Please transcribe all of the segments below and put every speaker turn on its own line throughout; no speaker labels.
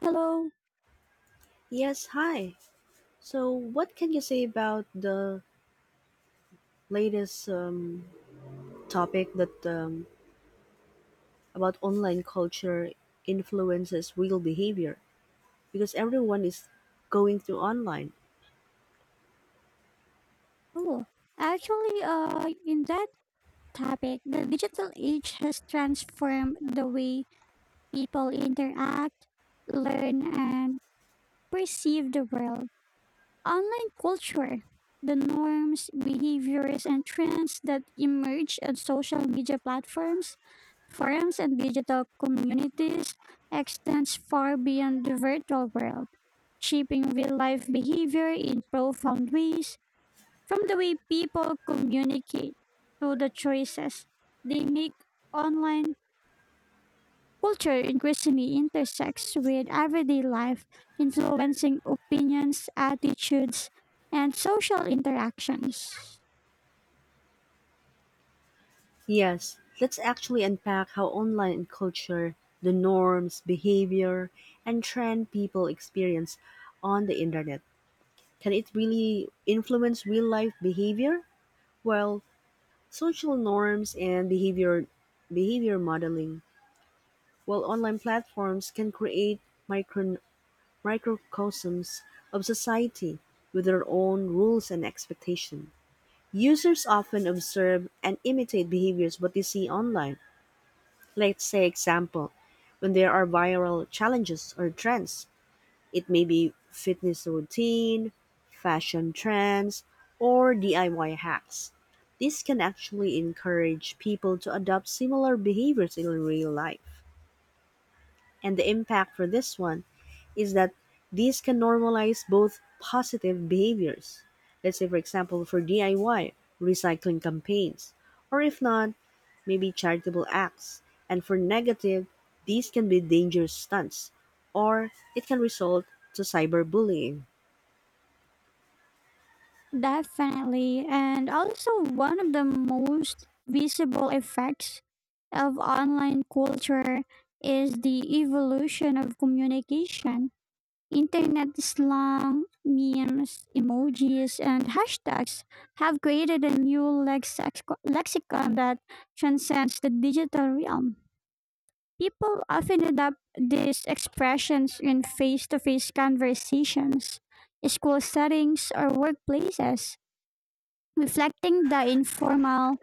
Hello.
Yes, hi. So, what can you say about the latest topic that about online culture influences real behavior? Because everyone is going through online.
Oh, actually, in that topic, the digital age has transformed the way people interact, learn, and perceive the world. Online culture, the norms, behaviors, and trends that emerge on social media platforms, forums, and digital communities extends far beyond the virtual world, shaping real life behavior in profound ways. From the way people communicate to the choices they make online, culture increasingly intersects with everyday life, influencing opinions, attitudes, and social interactions.
Yes, let's actually unpack how online culture, the norms, behavior, and trend people experience on the internet. Can it really influence real life behavior? Well, social norms and behavior modeling while online platforms can create micro- microcosms of society with their own rules and expectations. Users often observe and imitate behaviors what they see online. Let's say example, when there are viral challenges or trends, it may be fitness routine, fashion trends, or DIY hacks. This can actually encourage people to adopt similar behaviors in real life. And the impact for this one is that these can normalize both positive behaviors. Let's say, for example, for DIY, recycling campaigns, or if not, maybe charitable acts. And for negative, these can be dangerous stunts, or it can result to cyberbullying.
Definitely. And also, one of the most visible effects of online culture is the evolution of communication. Internet slang, memes, emojis, and hashtags have created a new lexicon that transcends the digital realm. People often adopt these expressions in face to face conversations, school settings, or workplaces, reflecting the informal,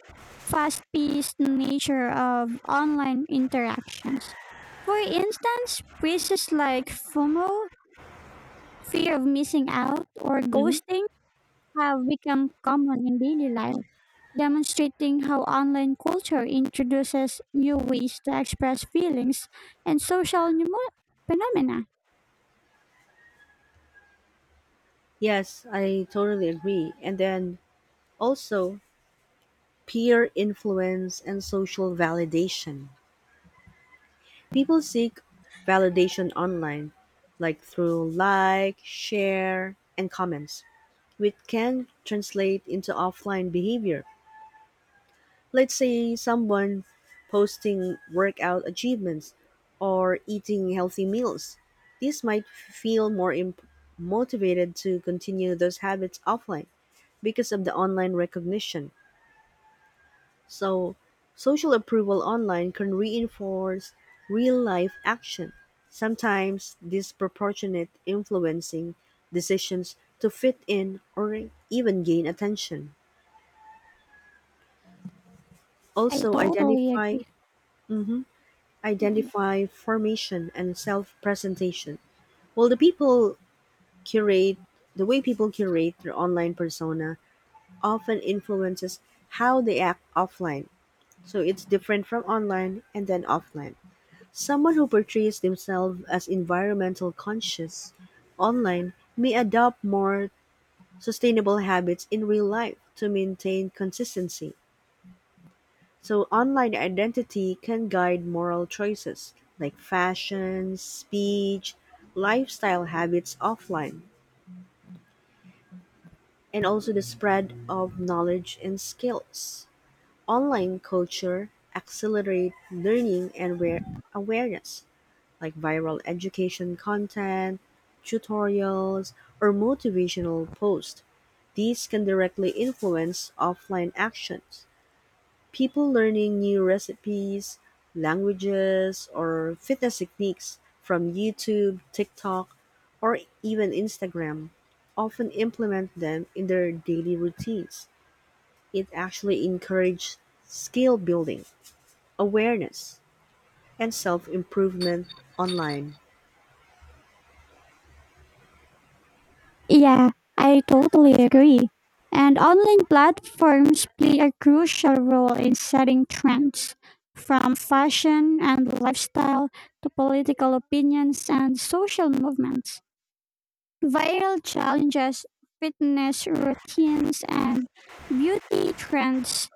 fast paced nature of online interactions. For instance, phrases like FOMO, fear of missing out, or
Hmm.
ghosting have become common in daily life, demonstrating how online culture introduces new ways to express feelings and social phenomena.
Yes, I totally agree. And then also peer influence and social validation. People seek validation online, like through like, share, and comments, which can translate into offline behavior. Let's say someone posting workout achievements or eating healthy meals. This might feel more motivated to continue those habits offline because of the online recognition. So, social approval online can reinforce real life action, sometimes disproportionate influencing decisions to fit in or even gain attention.
I
Also,
totally agree. Mhm.
identify formation and self-presentation. Well, curate the way people curate their online persona often influences how they act offline. So it's different from online and then offline. Someone who portrays themselves as environmental conscious online may adopt more sustainable habits in real life to maintain consistency. So, online identity can guide moral choices like fashion, speech, lifestyle habits offline, and also the spread of knowledge and skills. Online culture accelerates learning and awareness like viral education content, tutorials, or motivational posts. These can directly influence offline actions. People learning new recipes, languages, or fitness techniques from YouTube, TikTok, or even Instagram often implement them in their daily routines. It actually encourages skill building, awareness, and self improvement online.
Yeah, I totally agree. And online platforms play a crucial role in setting trends, from fashion and lifestyle to political opinions and social movements. Viral challenges, fitness routines, and beauty trends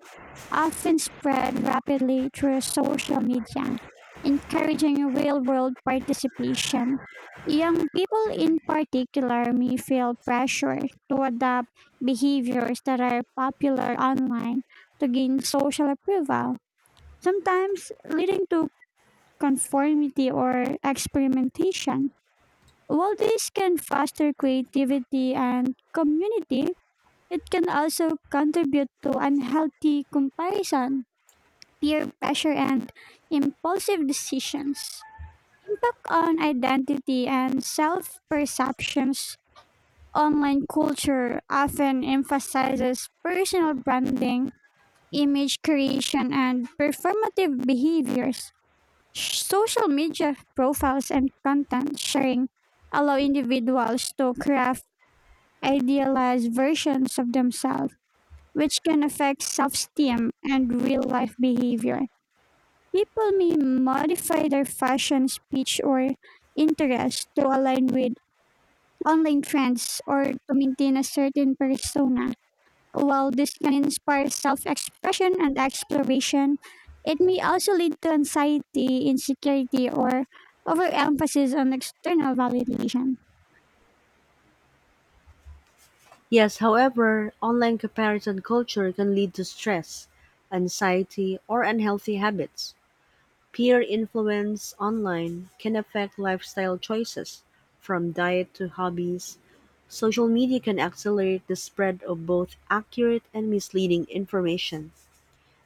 often spread rapidly through social media, encouraging real world participation. Young people in particular may feel pressure to adopt behaviors that are popular online to gain social approval, sometimes leading to conformity or experimentation. While this can foster creativity and community, it can also contribute to unhealthy comparison, peer pressure, and impulsive decisions. Impact on identity and self perceptions. Online culture often emphasizes personal branding, image creation, and performative behaviors. Social media profiles and content sharing allow individuals to craft idealized versions of themselves, which can affect self esteem and real life behavior. People may modify their fashion, speech, or interests to align with online trends or to maintain a certain persona. While this can inspire self expression and exploration, it may also lead to anxiety, insecurity, or overemphasis on external validation.
Yes, however, online comparison culture can lead to stress, anxiety, or unhealthy habits. Peer influence online can affect lifestyle choices, from diet to hobbies. Social media can accelerate the spread of both accurate and misleading information,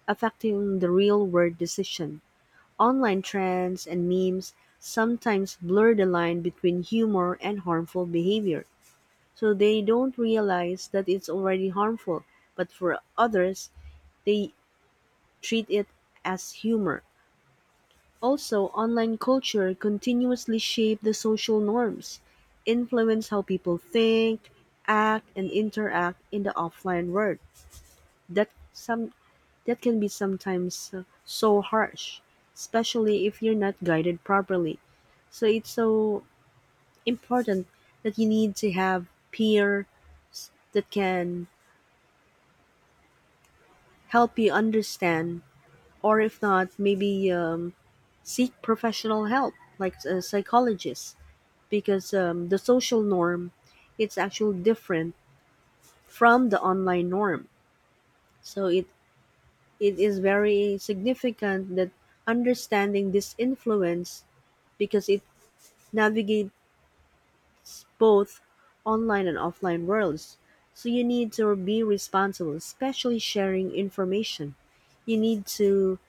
affecting the real world decision. Online trends and memes sometimes blur the line between humor and harmful behavior. So they don't realize that it's already harmful, but for others, they treat it as humor. Also, online culture continuously shape the social norms, influence how people think, act, and interact in the offline world. That some that can be sometimes so harsh, especially if you're not guided properly. So it's so important that you need to have peer that can help you understand, or if not, maybe seek professional help like a psychologist because the social norm it's actually different from the online norm. So it is very significant that understanding this influence because it navigates both online and offline worlds. So you need to be responsible, especially sharing information. You need to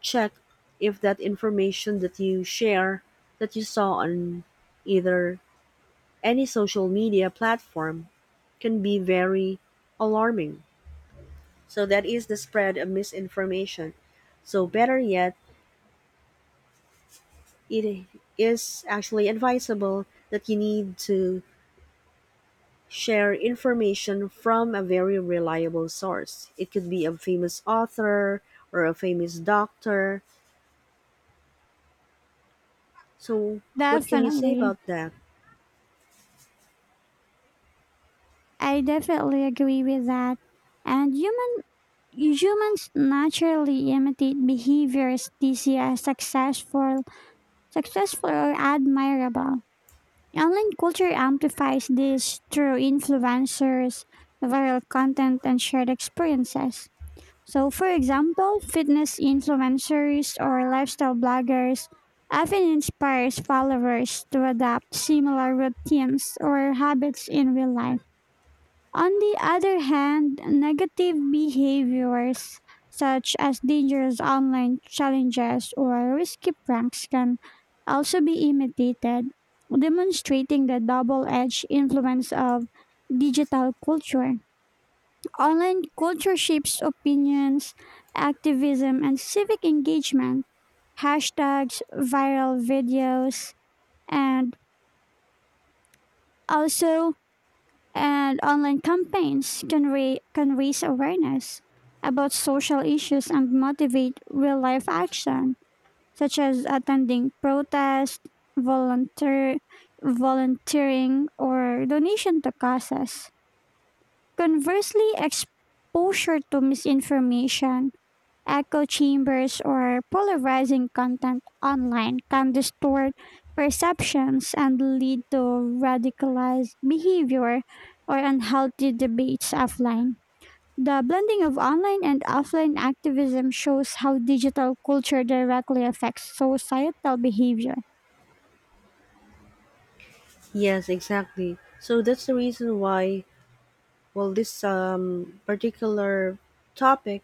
check if that information that you share that you saw on either any social media platform can be very alarming. So that is the spread of misinformation. So better yet, it is actually advisable that you need to share information from a very reliable source. It could be a famous author or a famous doctor. So what can you say
Definitely.
about that?
I definitely agree with that. And humans naturally imitate behaviors they see as successful or admirable. Online culture amplifies this through influencers, viral content, and shared experiences. So, for example, fitness influencers or lifestyle bloggers often inspires followers to adopt similar routines or habits in real life. On the other hand, negative behaviors such as dangerous online challenges or risky pranks can also be imitated, demonstrating the double edged influence of digital culture. Online culture shapes opinions, activism, and civic engagement. Hashtags, viral videos, and also and online campaigns can raise awareness about social issues and motivate real life action, such as attending protests, volunteer, volunteering, or donation to causes. Conversely, exposure to misinformation, echo chambers, or polarizing content online can distort perceptions and lead to radicalized behavior or unhealthy debates offline. The blending of online and offline activism shows how digital culture directly affects societal behavior.
Yes, exactly. So that's the reason why, well, this particular topic,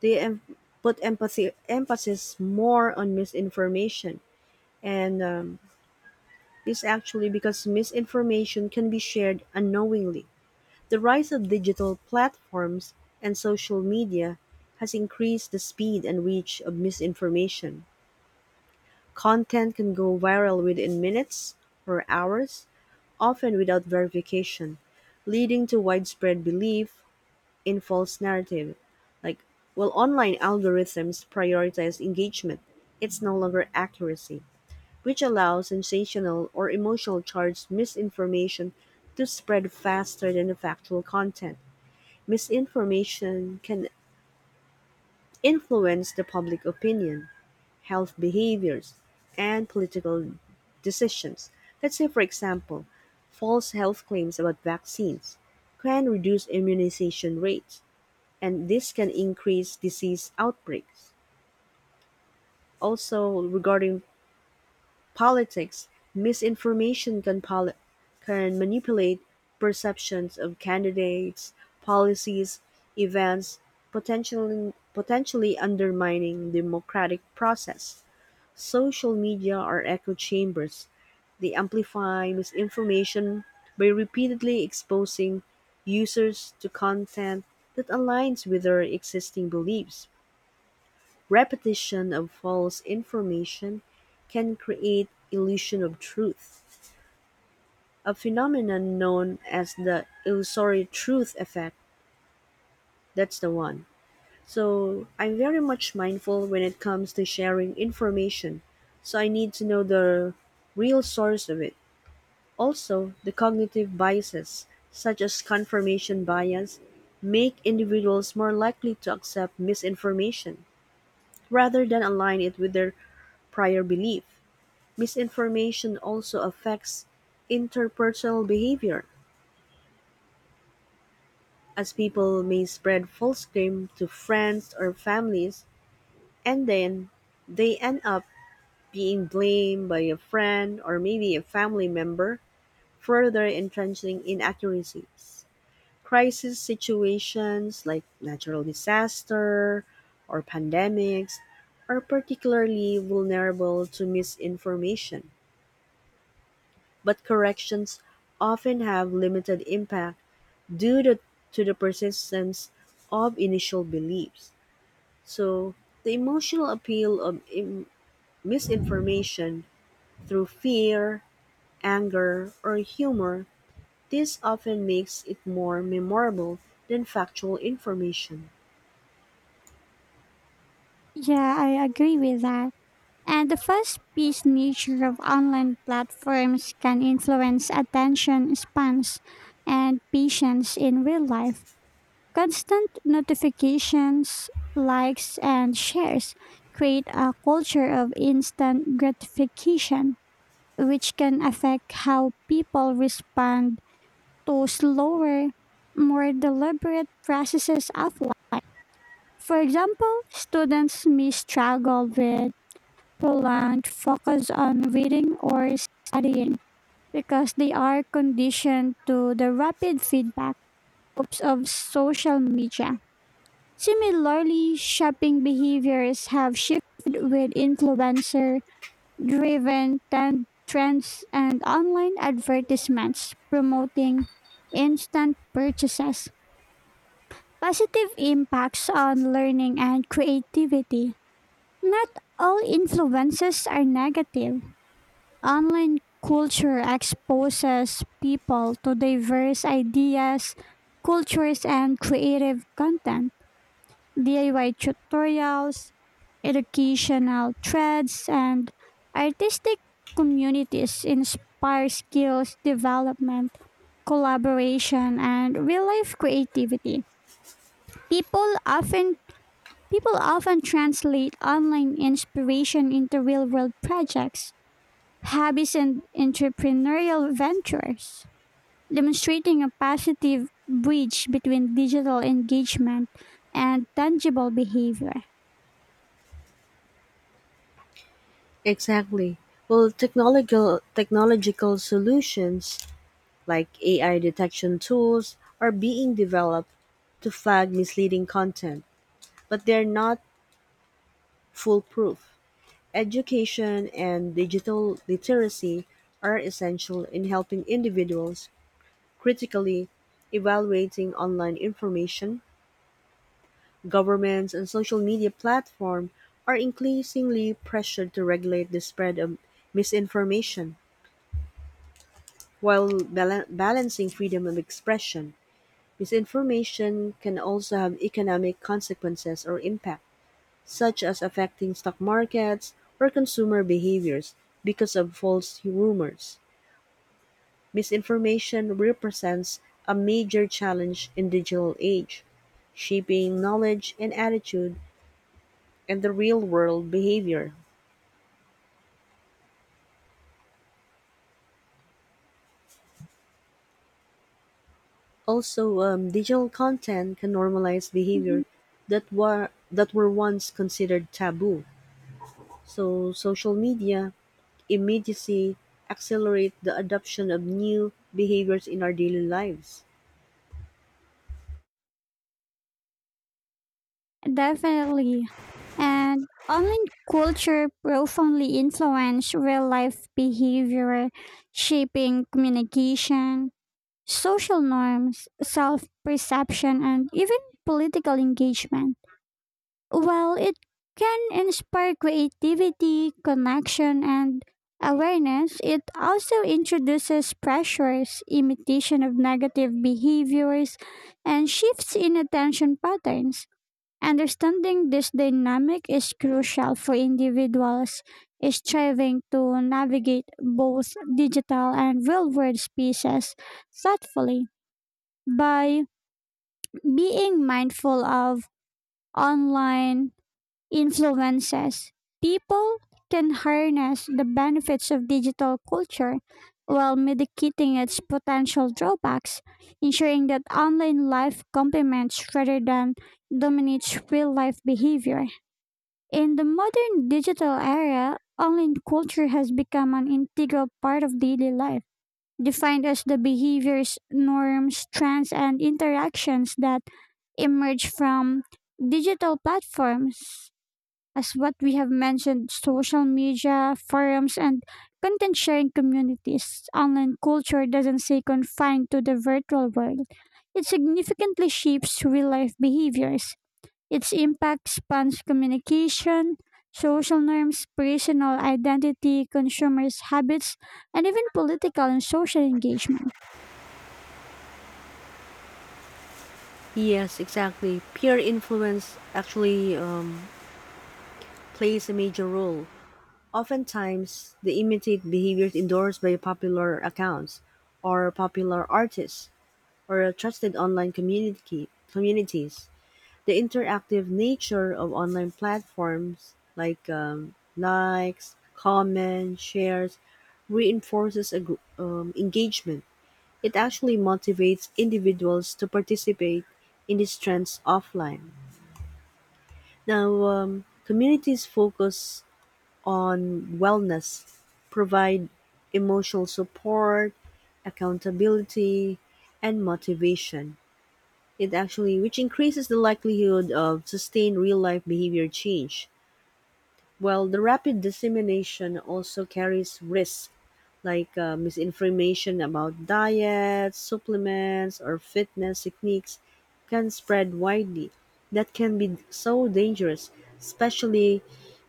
they put empathy emphasis more on misinformation, and this actually because misinformation can be shared unknowingly. The rise of digital platforms and social media has increased the speed and reach of misinformation. Content can go viral within minutes or hours, often without verification, leading to widespread belief in false narrative. Like, while online algorithms prioritize engagement. It's no longer accuracy, which allows sensational or emotional charged misinformation to spread faster than the factual content. Misinformation can influence the public opinion health behaviors, and political decisions let's say, for example, false health claims about vaccines can reduce immunization rates, and this can increase disease outbreaks. Also, regarding politics, misinformation can manipulate perceptions of candidates, policies, events, potentially undermining democratic process. Social media are echo chambers; they amplify misinformation by repeatedly exposing users to content that aligns with their existing beliefs. Repetition of false information can create illusion of truth, a phenomenon known as the illusory truth effect. That's the one. So I'm very much mindful when it comes to sharing information. So I need to know the real source of it. Also, the cognitive biases, such as confirmation bias, make individuals more likely to accept misinformation rather than align it with their prior belief. Misinformation also affects interpersonal behavior, as people may spread false claims to friends or families, and then they end up being blamed by a friend or maybe a family member, further entrenching inaccuracies. Crisis situations like natural disaster or pandemics are particularly vulnerable to misinformation, but corrections often have limited impact due to the persistence of initial beliefs. So, the emotional appeal of misinformation through fear, anger, or humor, this often makes it more memorable than factual information.
Yeah, I agree with that. And the fast paced nature of online platforms can influence attention spans and patience in real life. Constant notifications, likes, and shares create a culture of instant gratification, which can affect how people respond to slower, more deliberate processes offline. For example, students may struggle with prolonged focus on reading or studying because they are conditioned to the rapid feedback loops of social media. Similarly, shopping behaviors have shifted with influencer driven trends and online advertisements promoting instant purchases. Positive impacts on learning and creativity. Not all influences are negative. Online culture exposes people to diverse ideas, cultures, and creative content. DIY tutorials, educational threads, and artistic communities inspire skills development, collaboration, and real life creativity. People often people often translate online inspiration into real world projects, hobbies, and entrepreneurial ventures, demonstrating a positive bridge between digital engagement and tangible behavior.
Exactly. Well, technological solutions like AI detection tools are being developed to flag misleading content, but they're not foolproof. Education and digital literacy are essential in helping individuals critically evaluating online information. Governments and social media platforms are increasingly pressured to regulate the spread of misinformation. While balancing freedom of expression, misinformation can also have economic consequences or impact, such as affecting stock markets or consumer behaviors because of false rumors. Misinformation represents a major challenge in digital age, shaping knowledge and attitude and the real world behavior. Also, digital content can normalize
Mm-hmm.
behavior that were once considered taboo. So social media immediacy accelerate the adoption of new behaviors in our daily lives.
Definitely. And online culture profoundly influence real life behavior, shaping communication, social norms, self perception, and even political engagement. While it can inspire creativity, connection, and awareness, it also introduces pressures, imitation of negative behaviors, and shifts in attention patterns. Understanding this dynamic is crucial for individuals striving to navigate both digital and real world spaces thoughtfully. By being mindful of online influences, people can harness the benefits of digital culture while mitigating its potential drawbacks, ensuring that online life complements rather than dominates real life behavior. In the modern digital era, online culture has become an integral part of daily life, defined as the behaviors, norms, trends, and interactions that emerge from digital platforms. As what we have mentioned, social media, forums, and content sharing communities, online culture doesn't stay confined to the virtual world. It significantly shapes real life behaviors. Its impact spans communication, social norms, personal identity, consumers' habits, and even political and social engagement.
Yes, exactly. Peer influence actually plays a major role. Oftentimes, they imitate behaviors endorsed by popular accounts or popular artists or trusted online community communities. The interactive nature of online platforms, like likes, comments, shares, reinforces a engagement. It actually motivates individuals to participate in these trends offline. Now, communities focus on wellness, provide emotional support, accountability, and motivation. It actually which increases the likelihood of sustained real-life behavior change, while the rapid dissemination also carries risks like misinformation about diets, supplements, or fitness techniques can spread widely. That can be so dangerous, especially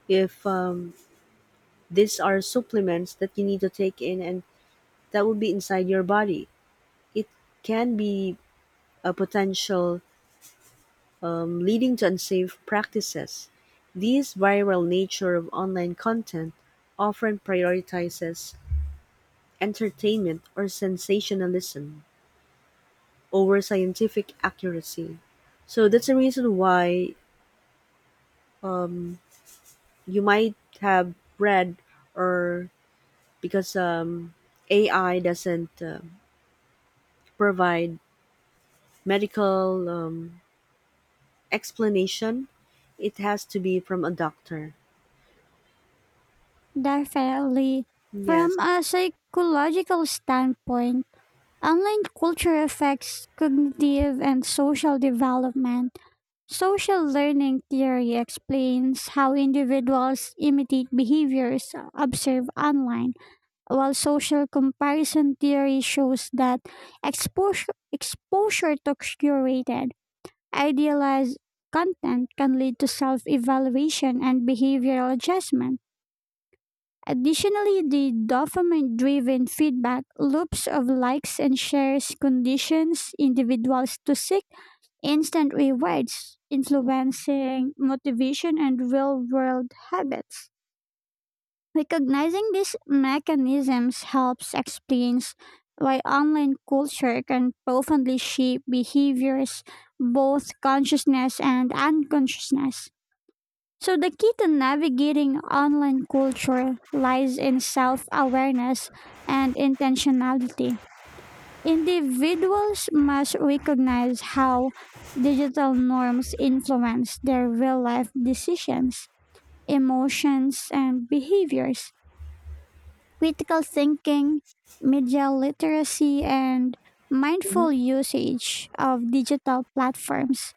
if these are supplements that you need to take in and that will be inside your body. It can be a potential leading to unsafe practices, this viral nature of online content often prioritizes entertainment or sensationalism over scientific accuracy. So that's the reason why you might have read or because AI doesn't provide medical explanation, it has to be from a doctor.
Definitely,
Yes.
from a psychological standpoint, online culture affects cognitive and social development. Social learning theory explains how individuals imitate behaviors observed online. While social comparison theory shows that exposure to curated, idealized content can lead to self evaluation and behavioral adjustment. Additionally, the dopamine driven feedback loops of likes and shares conditions individuals to seek instant rewards, influencing motivation and real world habits. Recognizing these mechanisms helps explain why online culture can profoundly shape behaviors, both consciousness and unconsciousness. So, the key to navigating online culture lies in self awareness and intentionality. Individuals must recognize how digital norms influence their real life decisions, emotions, and behaviors. Critical thinking, media literacy, and mindful
Hmm.
usage of digital platforms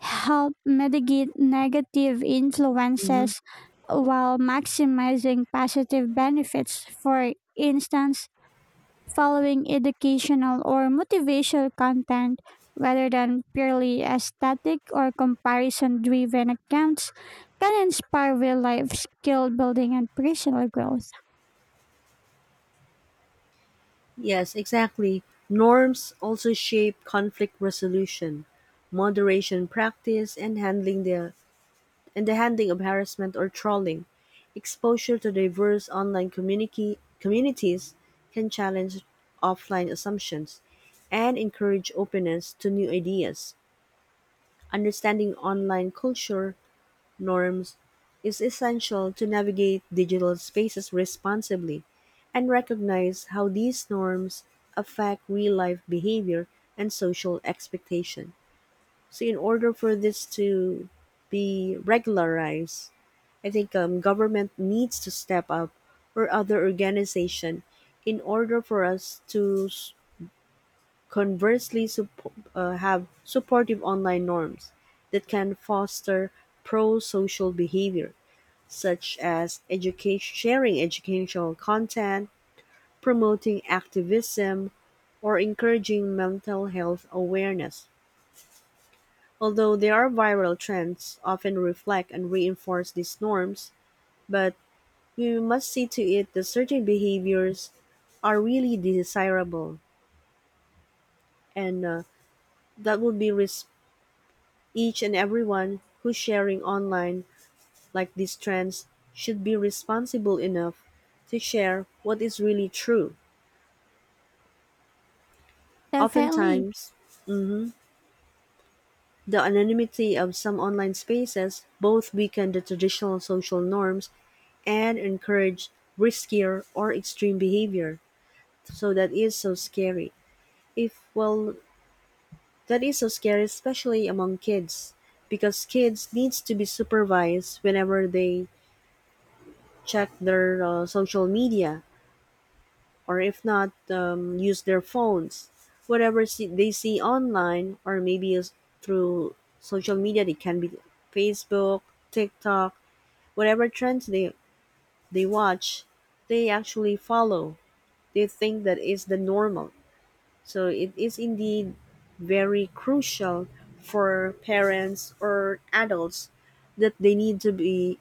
help mitigate negative influences while maximizing positive benefits. For instance, following educational or motivational content rather than purely aesthetic or comparison driven accounts can inspire real life skill building and personal growth.
Yes, exactly. Norms also shape conflict resolution, moderation practice, and handling the and the handling of harassment or trolling. Exposure to diverse online community communities can challenge offline assumptions and encourage openness to new ideas. Understanding online culture norms is essential to navigate digital spaces responsibly and recognize how these norms affect real life behavior and social expectation. So, in order for this to be regularized, I think government needs to step up or other organization in order for us to have supportive online norms that can foster pro social behavior such as sharing educational content, promoting activism, or encouraging mental health awareness. Although there are viral trends often reflect and reinforce these norms, but we must see to it that certain behaviors are really desirable and that will be res- each and everyone who's sharing online like these trends should be responsible enough to share what is really true.
Definitely.
Oftentimes, the anonymity of some online spaces both weaken the traditional social norms and encourage riskier or extreme behavior. So that is so scary. If well, that is so scary especially among kids because kids needs to be supervised whenever they check their social media or if not, use their phones. They see online, or maybe is through social media, they can be Facebook, TikTok, whatever trends they watch, they actually follow. They think that is the normal. So it is indeed very crucial for parents or adults that they need to be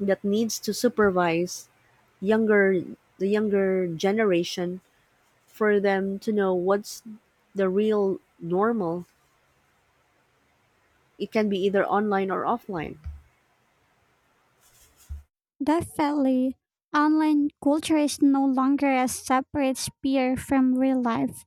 that needs to supervise younger the younger generation for them to know what's the real normal. It can be either online or offline.
Definitely, online culture is no longer a separate sphere from real life.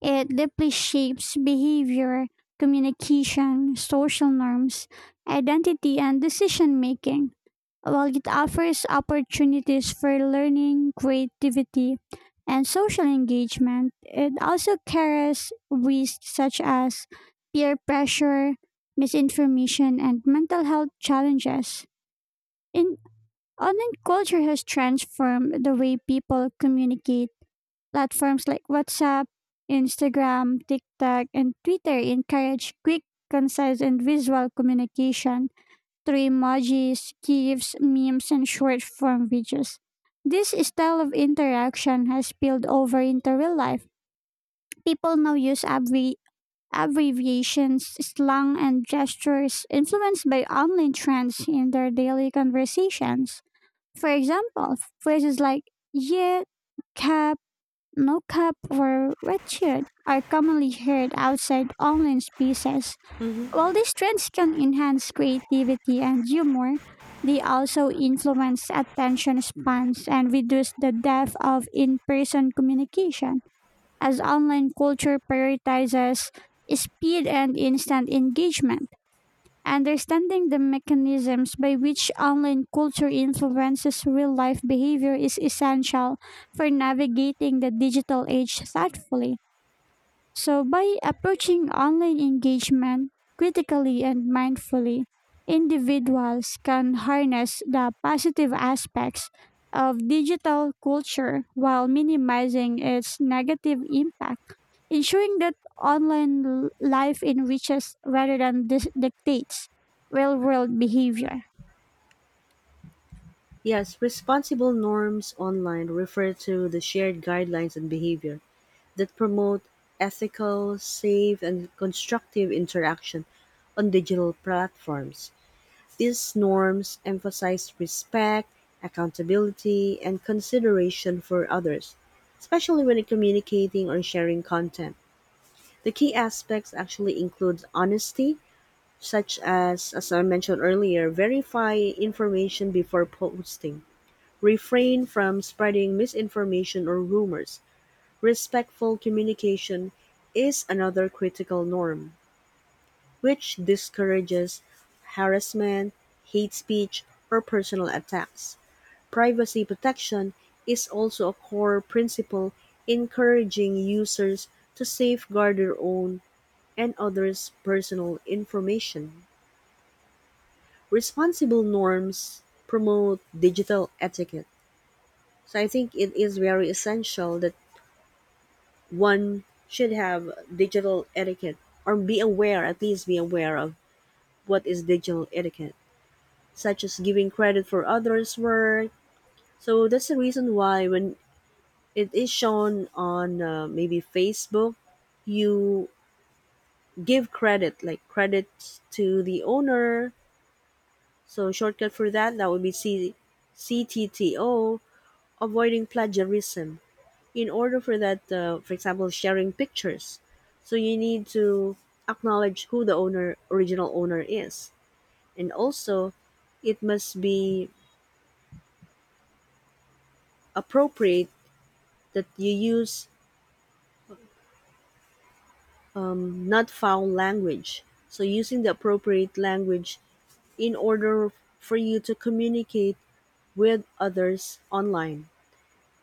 It deeply shapes behavior, communication, social norms, identity, and decision making, while it offers opportunities for learning, creativity, and social engagement. It also carries risks such as peer pressure, misinformation, and mental health challenges. In Online culture has transformed the way people communicate. Platforms like WhatsApp, Instagram, TikTok, and Twitter encourage quick, concise, and visual communication through emojis, GIFs, memes, and short form videos. This style of interaction has spilled over into real life. People now use abbreviations, slang, and gestures influenced by online trends in their daily conversations. For example, phrases like yeah, cap, no cap, or red shirt are commonly heard outside online spaces.
Hmm.
While these trends can enhance creativity and humor, they also influence attention spans and reduce the depth of in person communication, as online culture prioritizes speed and instant engagement. Understanding the mechanisms by which online culture influences real life behavior is essential for navigating the digital age thoughtfully. So, by approaching online engagement critically and mindfully, individuals can harness the positive aspects of digital culture while minimizing its negative impact, ensuring that online life enriches rather than dictates real world behavior.
Yes, responsible norms online refer to the shared guidelines and behavior that promote ethical, safe, and constructive interaction on digital platforms. These norms emphasize respect, accountability, and consideration for others, especially when communicating or sharing content. The key aspects actually include honesty, such as I mentioned earlier, verify information before posting, refrain from spreading misinformation or rumors. Respectful communication is another critical norm, which discourages harassment, hate speech, or personal attacks. Privacy protection is also a core principle encouraging users to safeguard their own and others' personal information. Responsible norms promote digital etiquette. So I think it is very essential that one should have digital etiquette or be aware, at least be aware of what is digital etiquette, such as giving credit for others' work. So that's the reason why when it is shown on maybe Facebook, you give credit, like credit to the owner. So shortcut for that that would be C, CTTO, avoiding plagiarism. In order for that, for example, sharing pictures, so you need to acknowledge who the owner, original owner is, and also it must be appropriate that you use not foul language. So using the appropriate language in order for you to communicate with others online.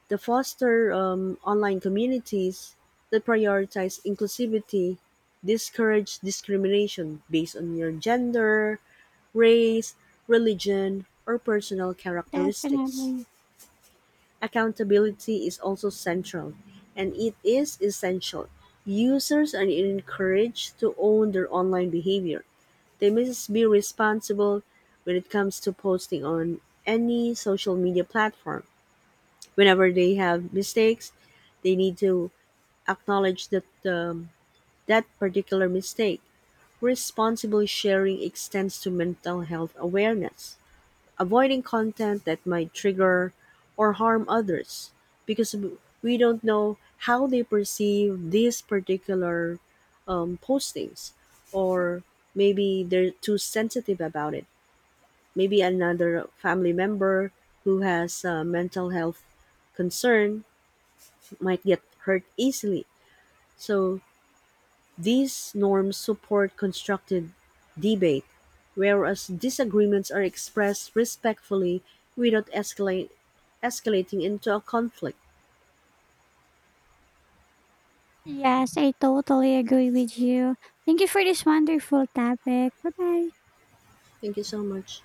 The foster online communities that prioritize inclusivity, discourage discrimination based on your gender, race, religion, or personal characteristics.
Definitely.
Accountability is also central, and it is essential. Users are encouraged to own their online behavior. They must be responsible when it comes to posting on any social media platform whenever they have mistakes, they need to acknowledge that that particular mistake. Responsible sharing extends to mental health awareness, avoiding content that might trigger or harm others because we don't know how they perceive these particular postings or maybe they're too sensitive about it. Maybe another family member who has a mental health concern might get hurt easily. So these norms support constructive debate, whereas disagreements are expressed respectfully without escalating into a conflict.
Yes, I totally agree with you. Thank you for this wonderful topic. Bye bye.
Thank you so much.